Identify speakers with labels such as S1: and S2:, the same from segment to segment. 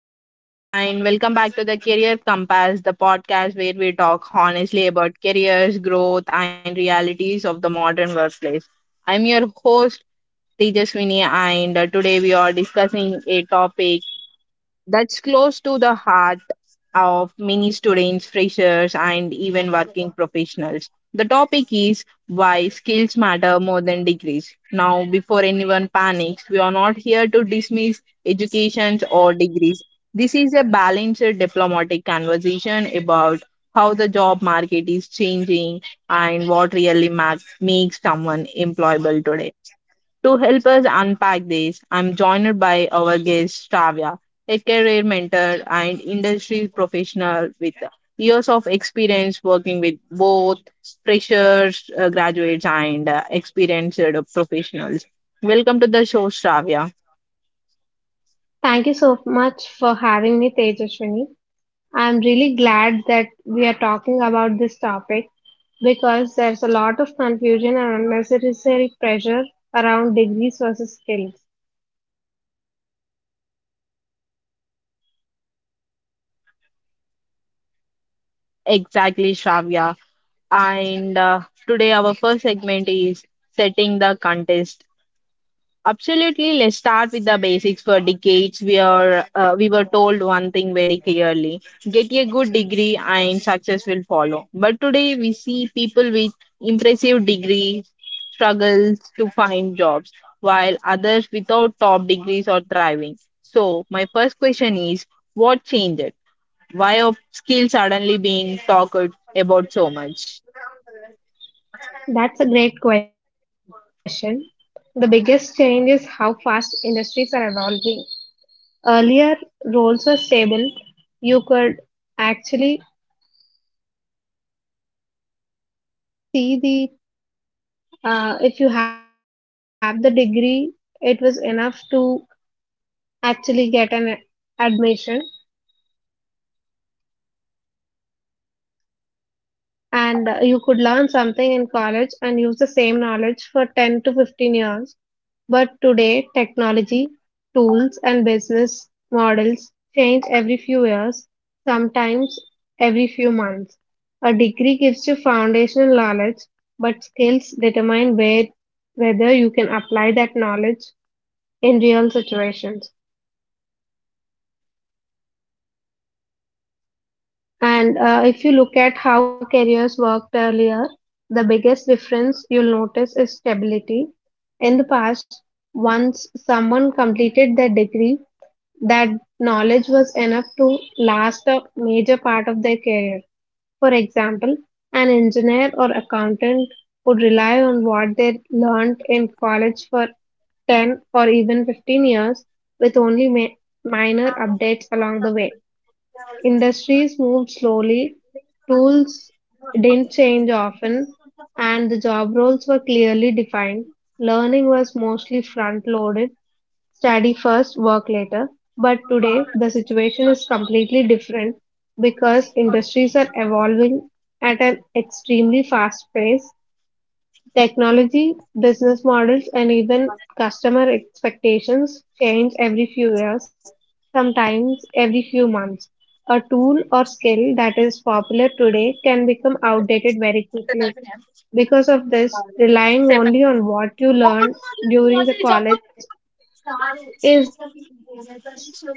S1: Hello, everyone, and welcome back to the Career Compass, the podcast where we talk honestly about careers, growth, and realities of the modern workplace. I'm your host, Tejaswini, and today we are discussing a topic that's close to the heart of many students, freshers, and even working professionals. The topic is why skills matter more than degrees. Now, before anyone panics, we are not here to dismiss educations or degrees. This is a balanced diplomatic conversation about how the job market is changing and what really makes someone employable today. To help us unpack this, I'm joined by our guest Shravya, a career mentor and industry professional with years of experience working with both freshers, graduates, and experienced professionals. Welcome to the show, Shravya.
S2: Thank you so much for having me, Tejaswini. I'm really glad that we are talking about this topic because there's a lot of confusion and unnecessary pressure around degrees versus skills.
S1: Exactly, Shravya. And Today, our first segment is setting the context. Absolutely. Let's start with the basics. For decades, we were told one thing very clearly: get a good degree, and success will follow. But today, we see people with impressive degrees struggles to find jobs, while others without top degrees are thriving. So, my first question is: what changed? Why are skills suddenly being talked about so much?
S2: That's a great question. The biggest change is how fast industries are evolving. Earlier, roles were stable. You could actually see if you have the degree, it was enough to actually get an admission. And you could learn something in college and use the same knowledge for 10 to 15 years. But today, technology, tools, and business models change every few years, sometimes every few months. A degree gives you foundational knowledge, but skills determine whether you can apply that knowledge in real situations. And if you look at how careers worked earlier, the biggest difference you'll notice is stability. In the past, once someone completed their degree, that knowledge was enough to last a major part of their career. For example, an engineer or accountant would rely on what they learned in college for 10 or even 15 years with only minor updates along the way. Industries moved slowly, tools didn't change often, and the job roles were clearly defined. Learning was mostly front loaded, study first, work later. But today, the situation is completely different because industries are evolving at an extremely fast pace. Technology, business models, and even customer expectations change every few years, sometimes every few months. A tool or skill that is popular today can become outdated very quickly. Because of this, relying only on what you learned during the college is no longer enough.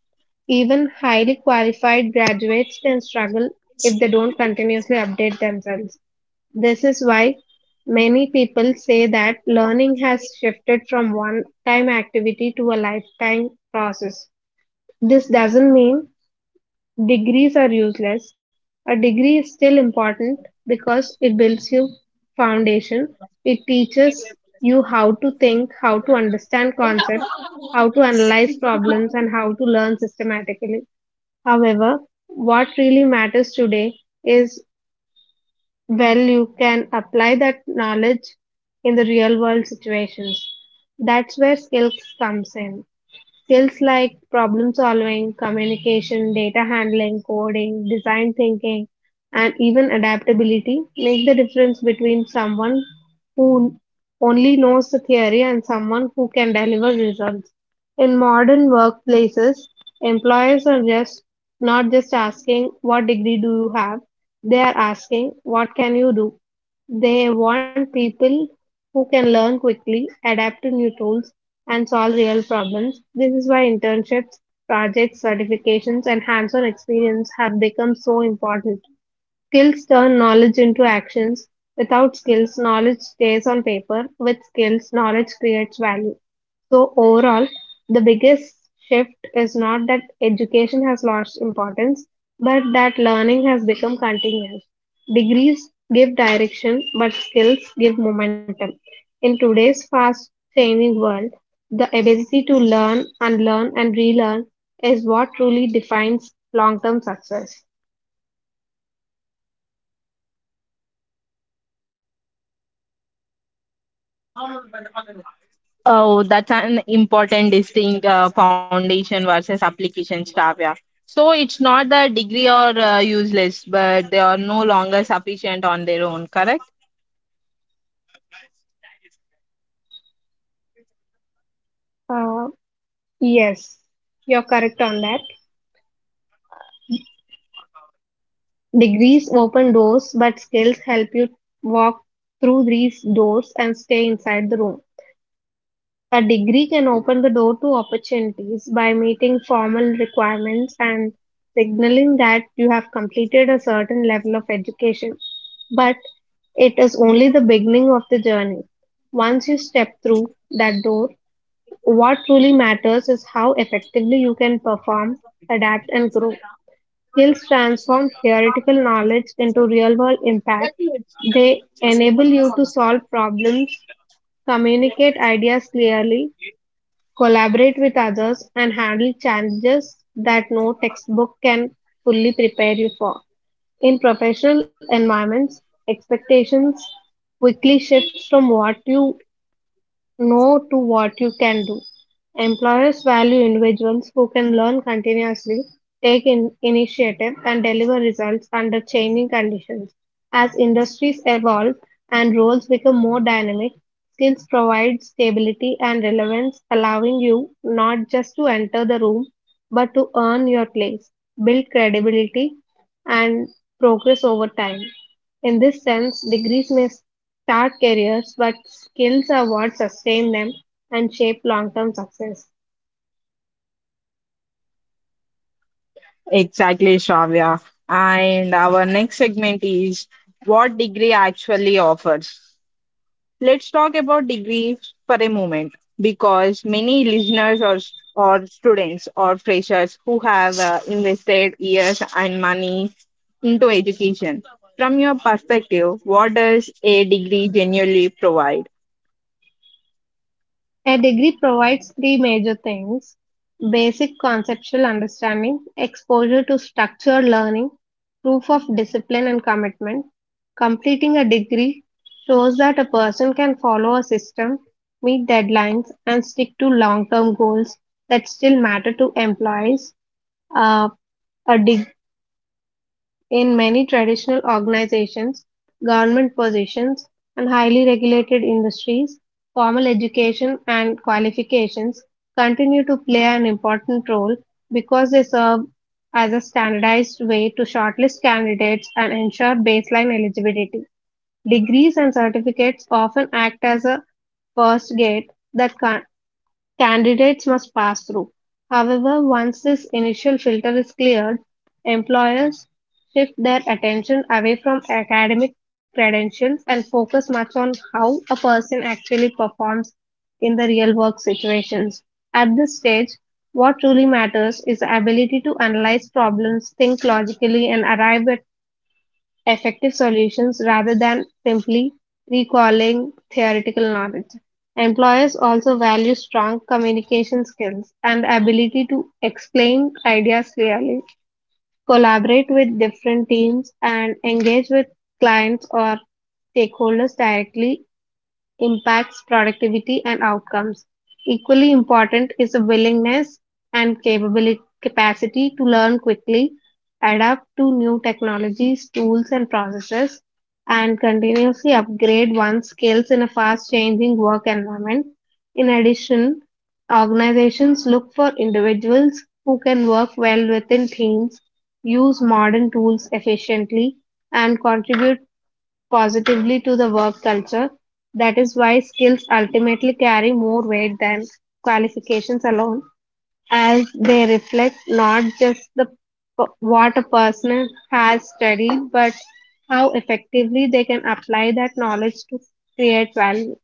S2: Even highly qualified graduates can struggle if they don't continuously update themselves. This is why many people say that learning has shifted from one time activity to a lifetime process. This doesn't mean degrees are useless. A degree is still important because it builds you foundation. It teaches you how to think, how to understand concepts, how to analyze problems, and how to learn systematically. However, what really matters today is, well, you can apply that knowledge in the real world situations. That's where skills comes in. Skills like problem solving, communication, data handling, coding, design thinking, and even adaptability make the difference between someone who only knows the theory and someone who can deliver results. In modern workplaces, employers are just not just asking what degree do you have, they are asking what can you do. They want people who can learn quickly, adapt to new tools, and solve real problems. This is why internships, projects, certifications, and hands on experience have become so important. Skills turn knowledge into actions. Without skills, knowledge stays on paper. With skills, knowledge creates value. So, overall, the biggest shift is not that education has lost importance, but that learning has become continuous. Degrees give direction, but skills give momentum. In today's fast changing world, the ability to learn, unlearn, and relearn is what truly defines long term success.
S1: Oh, that's an important distinct foundation versus application staff. Yeah. So it's not the degree or useless, but they are no longer sufficient on their own, correct?
S2: Uh, Yes, you're correct on that. Degrees open doors, but skills help you walk through these doors and stay inside the room. A degree can open the door to opportunities by meeting formal requirements and signaling that you have completed a certain level of education. But it is only the beginning of the journey. Once you step through that door, what truly matters is how effectively you can perform, adapt, and grow. Skills transform theoretical knowledge into real-world impact. They enable you to solve problems, communicate ideas clearly, collaborate with others, and handle challenges that no textbook can fully prepare you for. In professional environments, expectations quickly shift from what you no to what you can do. Employers value individuals who can learn continuously, take in initiative, and deliver results under changing conditions. As industries evolve and roles become more dynamic, skills provide stability and relevance, allowing you not just to enter the room but to earn your place, build credibility, and progress over time. In this sense, degrees may start careers, but skills are what sustain them and shape long term success.
S1: Exactly, Shravya. And our next segment is what degree actually offers. Let's talk about degrees for a moment because many listeners or students or freshers who have invested years and money into education. From your perspective, what does a degree genuinely provide?
S2: A degree provides three major things: basic conceptual understanding, exposure to structured learning, proof of discipline and commitment. Completing a degree shows that a person can follow a system, meet deadlines, and stick to long term goals that still matter to employees. Uh, a degree In many traditional organizations, government positions, and highly regulated industries, formal education and qualifications continue to play an important role because they serve as a standardized way to shortlist candidates and ensure baseline eligibility. Degrees and certificates often act as a first gate that candidates must pass through. However, once this initial filter is cleared, employers shift their attention away from academic credentials and focus much on how a person actually performs in the real work situations. At this stage, what truly matters is the ability to analyze problems, think logically, and arrive at effective solutions rather than simply recalling theoretical knowledge. Employers also value strong communication skills and ability to explain ideas clearly, collaborate with different teams, and engage with clients or stakeholders directly impacts productivity and outcomes. Equally important is a willingness and capacity to learn quickly, adapt to new technologies, tools, and processes, and continuously upgrade one's skills in a fast changing work environment. In addition, organizations look for individuals who can work well within teams, use modern tools efficiently, and contribute positively to the work culture. That is why skills ultimately carry more weight than qualifications alone, as they reflect not just the what a person has studied, but how effectively they can apply that knowledge to create value.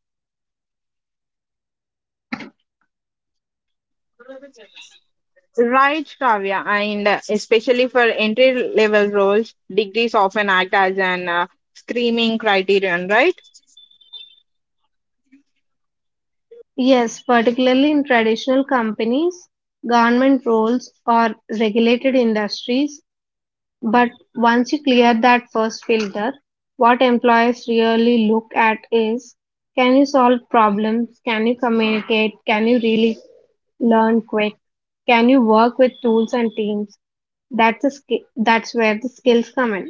S1: Right, Kavya, and especially for entry level roles, degrees often act as an screening criterion, right?
S2: Yes, particularly in traditional companies, government roles, or regulated industries. But once you clear that first filter, what employers really look at is, can you solve problems? Can you communicate? Can you really learn quick? Can you work with tools and teams? That's where the skills come in.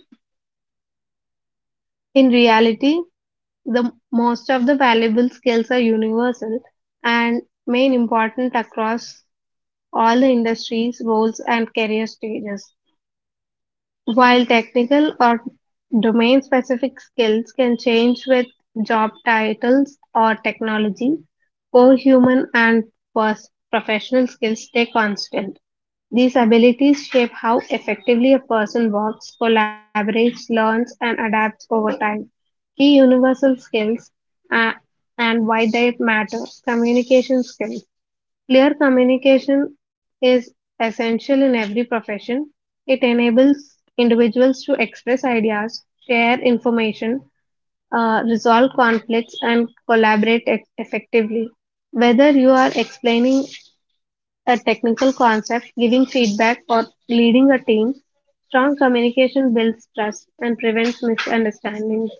S2: In reality, the most of the valuable skills are universal and main important across all the industries, roles, and career stages. While technical or domain-specific skills can change with job titles or technology, core human and professional skills stay constant. These abilities shape how effectively a person works, collaborates, learns, and adapts over time. Key universal skills, uh, and why they matter. Communication skills. Clear communication is essential in every profession. It enables individuals to express ideas, share information, resolve conflicts, and collaborate effectively. Whether you are explaining a technical concept, giving feedback, or leading a team, strong communication builds trust and prevents misunderstandings.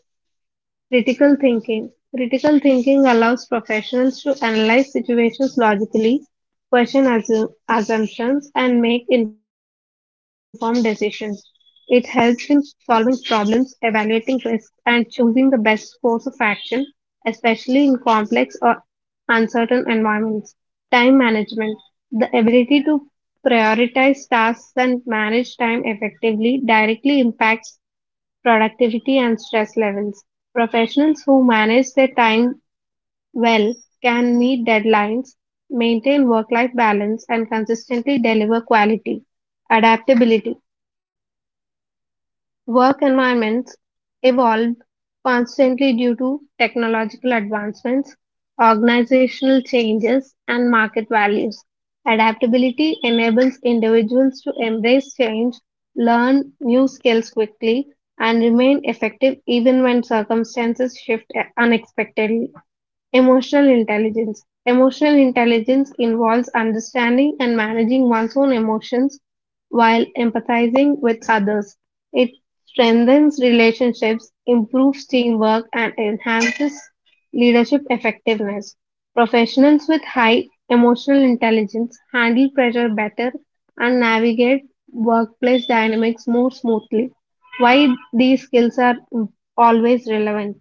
S2: Critical thinking. Critical thinking allows professionals to analyze situations logically, question assumptions, and make informed decisions. It helps in solving problems, evaluating risks, and choosing the best course of action, especially in complex or uncertain environments. Time management. The ability to prioritize tasks and manage time effectively directly impacts productivity and stress levels. Professionals who manage their time well can meet deadlines, maintain work life balance, and consistently deliver quality. Adaptability. Work environments evolve constantly due to technological advancements, organizational changes, and market values. Adaptability enables individuals to embrace change, learn new skills quickly, and remain effective even when circumstances shift unexpectedly. Emotional intelligence. Emotional intelligence involves understanding and managing one's own emotions while empathizing with others. It strengthens relationships, improves teamwork, and enhances leadership effectiveness. Professionals with high emotional intelligence handle pressure better and navigate workplace dynamics more smoothly. Why these skills are always relevant?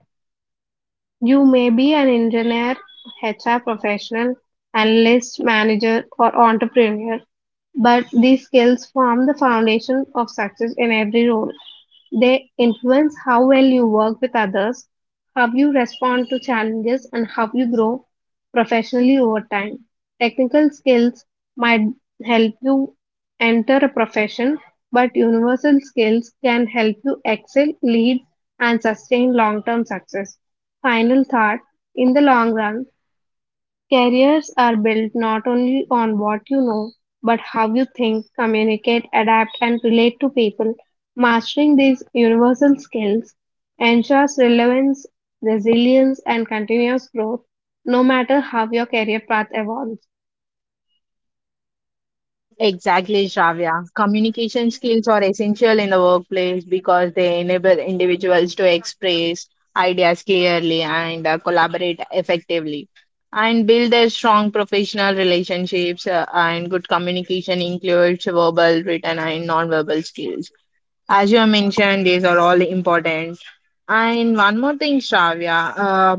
S2: You may be an engineer, HR professional, analyst, manager, or entrepreneur, but these skills form the foundation of success in every role. They influence how well you work with others, how you respond to challenges, and how you grow professionally over time. Technical skills might help you enter a profession, but universal skills can help you excel, lead, and sustain long term success. Final thought: in the long run, careers are built not only on what you know, but how you think, communicate, adapt, and relate to people. Mastering these universal skills ensures relevance, resilience, and continuous growth, no matter how your career path evolves.
S1: Exactly, Shravya. Communication skills are essential in the workplace because they enable individuals to express ideas clearly and collaborate effectively and build their strong professional relationships and good communication includes verbal, written and non-verbal skills. As you have mentioned, these are all important. And one more thing, Shravya,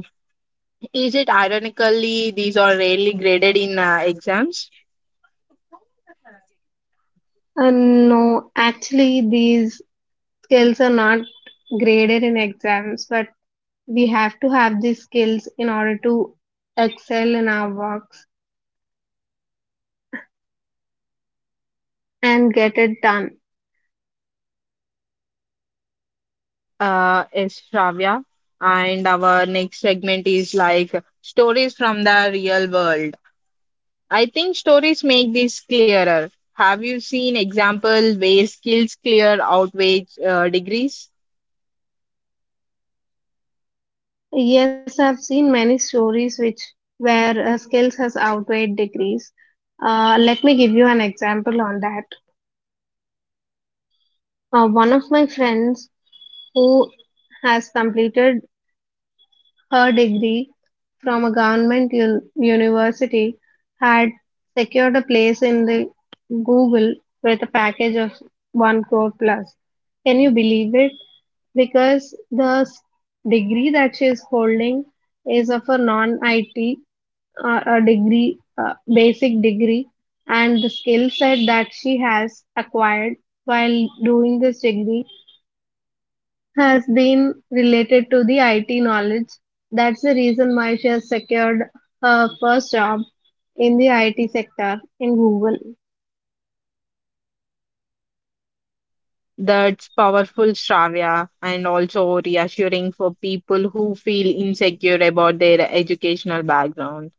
S1: is it ironically these are rarely graded in exams?
S2: And no, actually, these skills are not graded in exams, but we have to have these skills in order to excel in our works and get it done.
S1: Is Shravya, and our next segment is like stories from the real world. I think stories make this clearer. Have you seen example where skills clear outweigh degrees?
S2: Yes, I've seen many stories which where skills has outweighed degrees. Let me give you an example on that. One of my friends who has completed her degree from a government university had secured a place in the Google with a package of 1 crore plus. Can you believe it? Because the degree that she is holding is of a non-IT a degree, basic degree, and the skill set that she has acquired while doing this degree has been related to the IT knowledge. That's the reason why she has secured her first job in the IT sector in Google.
S1: That's powerful, Shravya, and also reassuring for people who feel insecure about their educational background.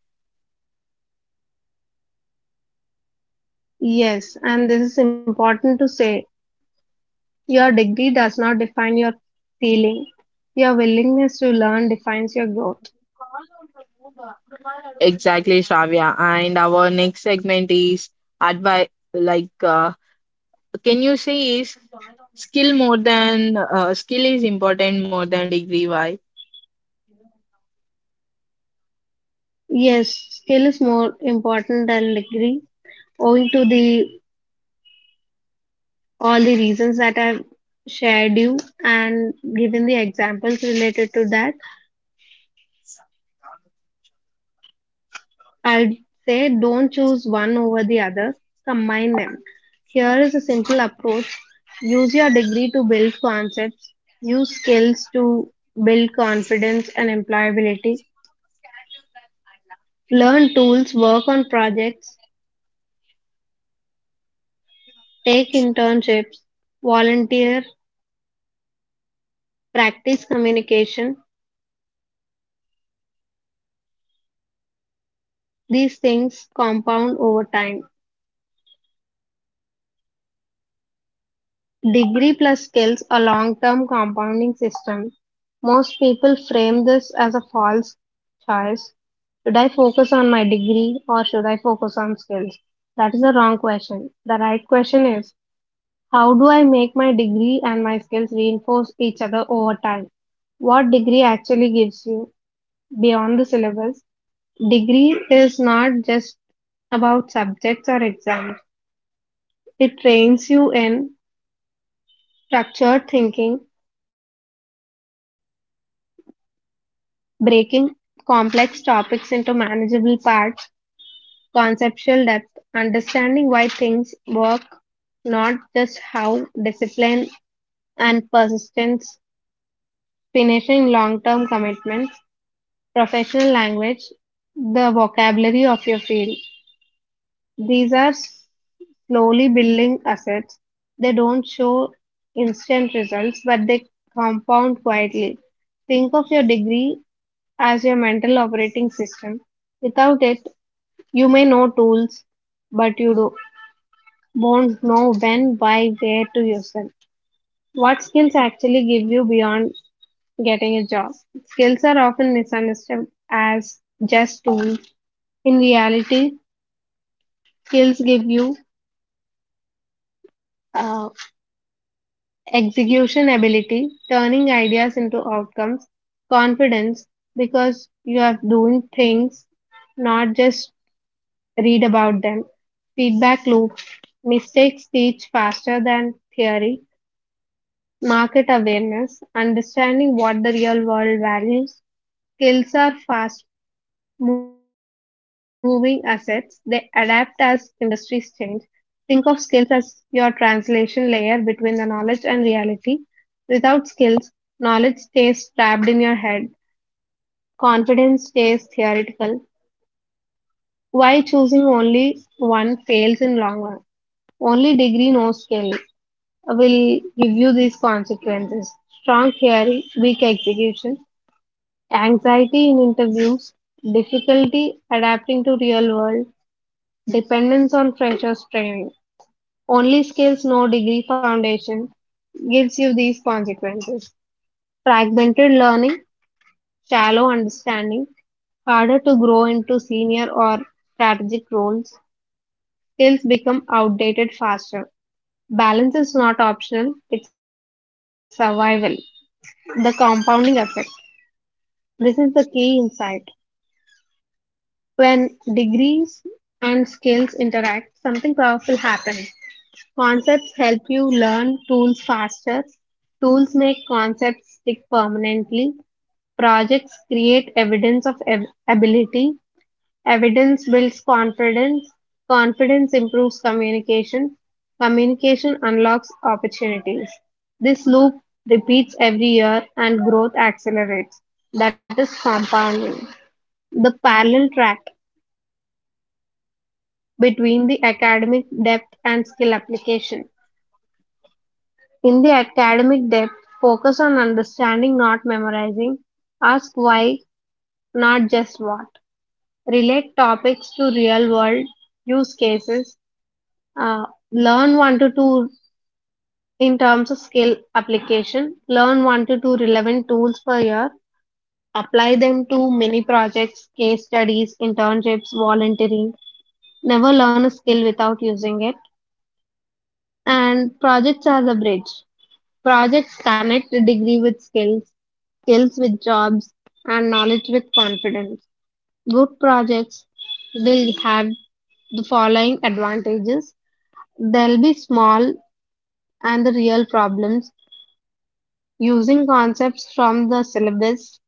S2: Yes, and this is important to say. Your degree does not define your feeling. Your willingness to learn defines your growth.
S1: Exactly, Shravya. And our next segment is advice, like uh, can you say is skill is important more than degree? Why?
S2: Yes, skill is more important than degree owing to the all the reasons that I've shared you and given the examples related to that. I'd say don't choose one over the other, combine them. Here is a simple approach: use your degree to build concepts, use skills to build confidence and employability, learn tools, work on projects, take internships, volunteer, practice communication. These things compound over time. Degree plus skills, a long-term compounding system. Most people frame this as a false choice. Should I focus on my degree or should I focus on skills? That is the wrong question. The right question is, how do I make my degree and my skills reinforce each other over time? What degree actually gives you beyond the syllabus? Degree is not just about subjects or exams. It trains you in structured thinking, breaking complex topics into manageable parts, conceptual depth, understanding why things work, not just how, discipline and persistence, finishing long term commitments, professional language, the vocabulary of your field. These are slowly building assets. They don't show instant results, but they compound quietly. Think of your degree as your mental operating system. Without it, you may know tools, but won't know when, why, where to use them. What skills actually give you beyond getting a job? Skills are often misunderstood as just tools. In reality, skills give you uh, execution ability, turning ideas into outcomes, confidence, because you are doing things, not just read about them. Feedback loops, mistakes teach faster than theory, market awareness, understanding what the real world values. Skills are fast moving assets, they adapt as industries change. Think of skills as your translation layer between the knowledge and reality. Without skills, knowledge stays trapped in your head, confidence stays theoretical. Why choosing only one fails in long run? Only degree, no skill, will give you these consequences. Strong theory, weak execution, anxiety in interviews, difficulty adapting to real world, dependence on freshers training. Only skills, no degree foundation, gives you these consequences. Fragmented learning, shallow understanding, harder to grow into senior or strategic roles, skills become outdated faster. Balance is not optional, it's survival. The compounding effect. This is the key insight. When degrees and skills interact, something powerful happens. Concepts help you learn tools faster. Tools make concepts stick permanently. Projects create evidence of ability. Evidence builds confidence, confidence improves communication, communication unlocks opportunities. This loop repeats every year and growth accelerates. That is compounding. The parallel track between the academic depth and skill application. In the academic depth, focus on understanding, not memorizing. Ask why, not just what. Relate topics to real world use cases. Uh, Learn one to two, in terms of skill application. Learn one to two relevant tools per year. Apply them to many projects, case studies, internships, volunteering. Never learn a skill without using it. And projects are the bridge. Projects connect the degree with skills, skills with jobs, and knowledge with confidence. Good projects will have the following advantages. They'll be small and the real problems, using concepts from the syllabus,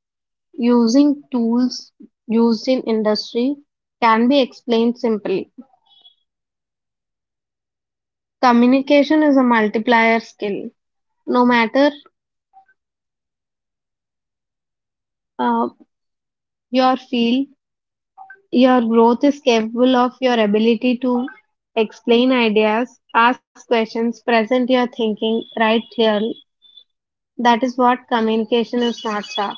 S2: using tools used in industry, can be explained simply. Communication is a multiplier skill. No matter uh, your field, your growth is capable of your ability to explain ideas, ask questions, present your thinking, write clearly. That is what communication is, not sir.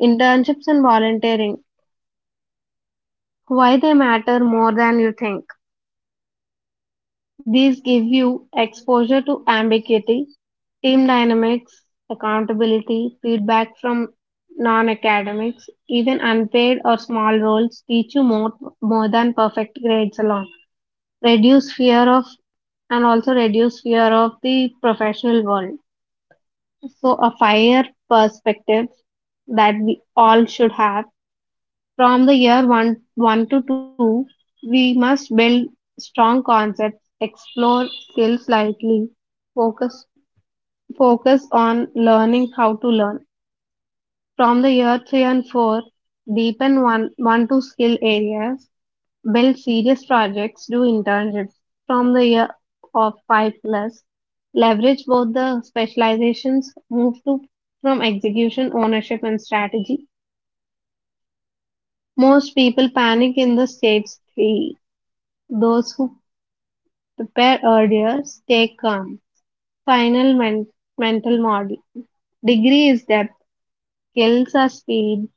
S2: Internships and volunteering, why they matter more than you think. These give you exposure to ambiguity, team dynamics, accountability, feedback from non academics. Even unpaid or small roles teach you more, more than perfect grades alone. Reduce fear of, and also reduce fear of the professional world. So, a fire perspective that we all should have: from the year one, 1 to 2, we must build strong concepts, explore skills lightly, focus, focus on learning how to learn. From the year 3 and 4, deepen one, one to skill areas, build serious projects, do internships. From the year of 5 plus, leverage both the specializations, move to from execution, ownership, and strategy. Most people panic in the stage 3. Those who prepare earlier stay calm. Final men- mental model. Degree is depth, skills are speed,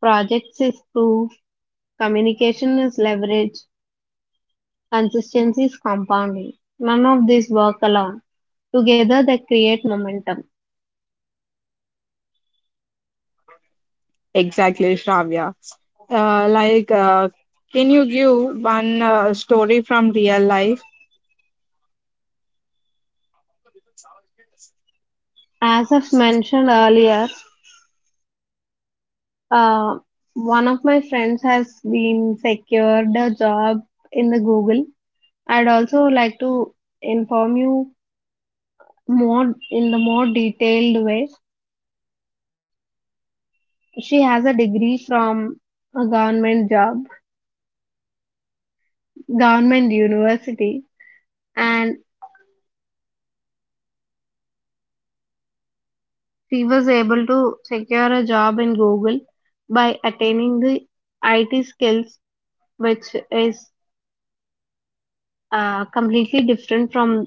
S2: projects is proof, communication is leverage, consistency is compounding. None of these work alone. Together they create momentum.
S1: Exactly, Shravya. Uh, like, uh, can you give one story from real life?
S2: As I've mentioned earlier, uh, one of my friends has been secured a job in the Google. I'd also like to inform you more, in the more detailed way. She has a degree from a government university, and she was able to secure a job in Google by attaining the IT skills, which is completely different from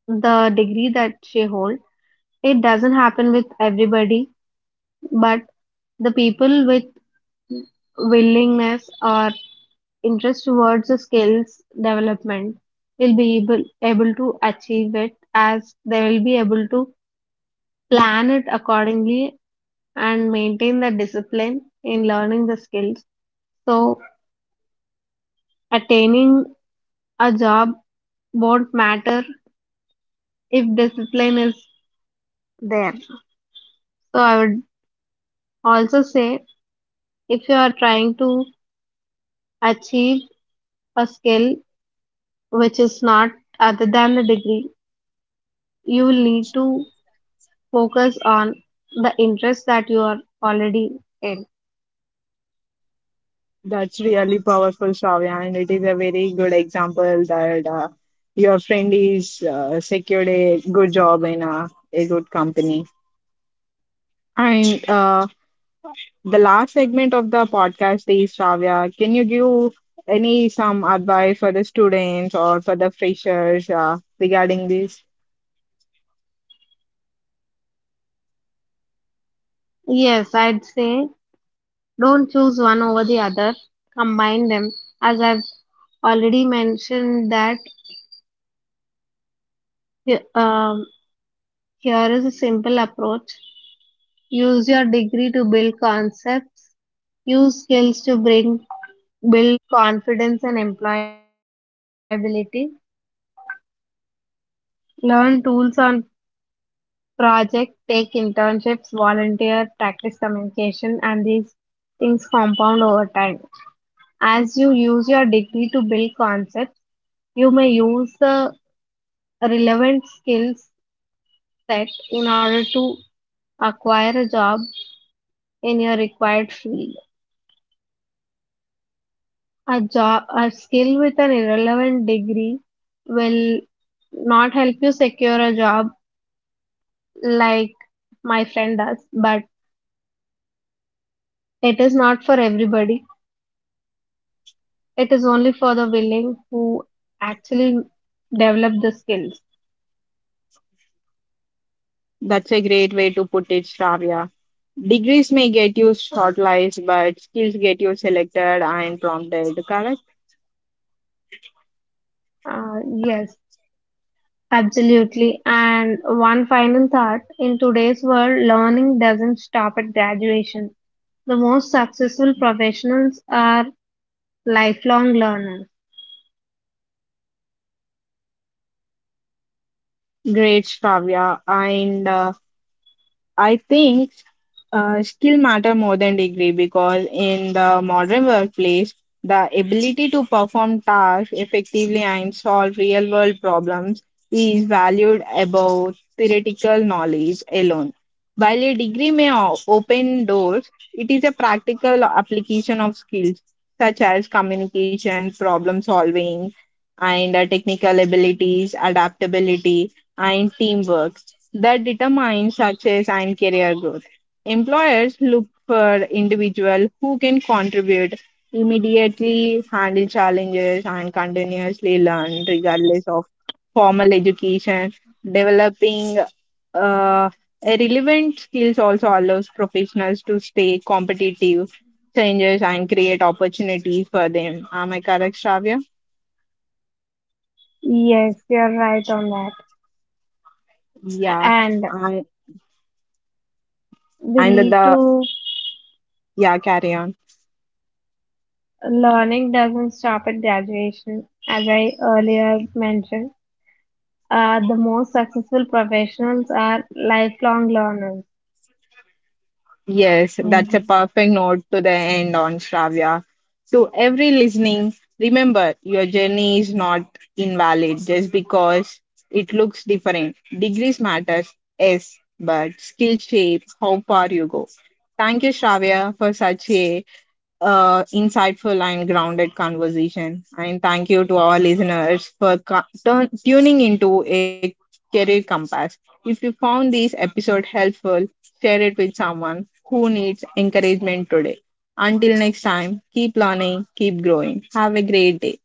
S2: the degree that she holds. It doesn't happen with everybody, but the people with willingness or interest towards the skills development will be able to achieve it, as they will be able to plan it accordingly and maintain the discipline in learning the skills. So attaining a job won't matter if discipline is there. So I would also say, if you are trying to achieve a skill which is not other than the degree, you will need to focus on the interest that you are already in.
S1: That's really powerful, Shravya. And it is a very good example that your friend is secured a good job in a good company. And The last segment of the podcast is Shravya. Can you give any some advice for the students or for the freshers regarding this?
S2: Yes, I'd say don't choose one over the other. Combine them. As I've already mentioned that he- um, here is a simple approach. Use your degree to build concepts. Use skills to bring build confidence and employability. Learn tools on project, take internships, volunteer, practice communication, and these things compound over time. As you use your degree to build concepts, you may use the relevant skills set in order to acquire a job in your required field. A job, a skill with an irrelevant degree, will not help you secure a job like my friend does, but it is not for everybody. It is only for the willing who actually develop the skills.
S1: That's a great way to put it, Shravya. Degrees may get you shortlisted, but skills get you selected and prompted. Correct?
S2: Uh, yes, absolutely. And one final thought: in today's world, learning doesn't stop at graduation. The most successful professionals are lifelong learners.
S1: Great, Shravya. And I think skill matter more than degree because in the modern workplace, the ability to perform tasks effectively and solve real world problems is valued above theoretical knowledge alone. While a degree may open doors, it is a practical application of skills such as communication, problem solving, and technical abilities, adaptability, and teamwork that determine success and career growth. Employers look for individuals who can contribute immediately, handle challenges, and continuously learn regardless of formal education. Developing uh, a relevant skills also allows professionals to stay competitive, changes, and create opportunities for them. Am I correct, Shravya?
S2: Yes, you're right on that.
S1: Yeah,
S2: And
S1: and
S2: we
S1: and
S2: need to,
S1: the yeah, carry on.
S2: learning doesn't stop at graduation, as I earlier mentioned. The most successful professionals are lifelong learners.
S1: Yes, that's a
S2: And
S1: perfect note to the end on Shravya. To every listening, remember your journey is not invalid just because it looks different. Degrees matters, yes, but skill shape how far you go. Thank you, Shravya, for such a insightful and grounded conversation. And thank you to our listeners for tuning into a career compass. If you found this episode helpful, share it with someone who needs encouragement today. Until next time, keep learning, keep growing. Have a great day.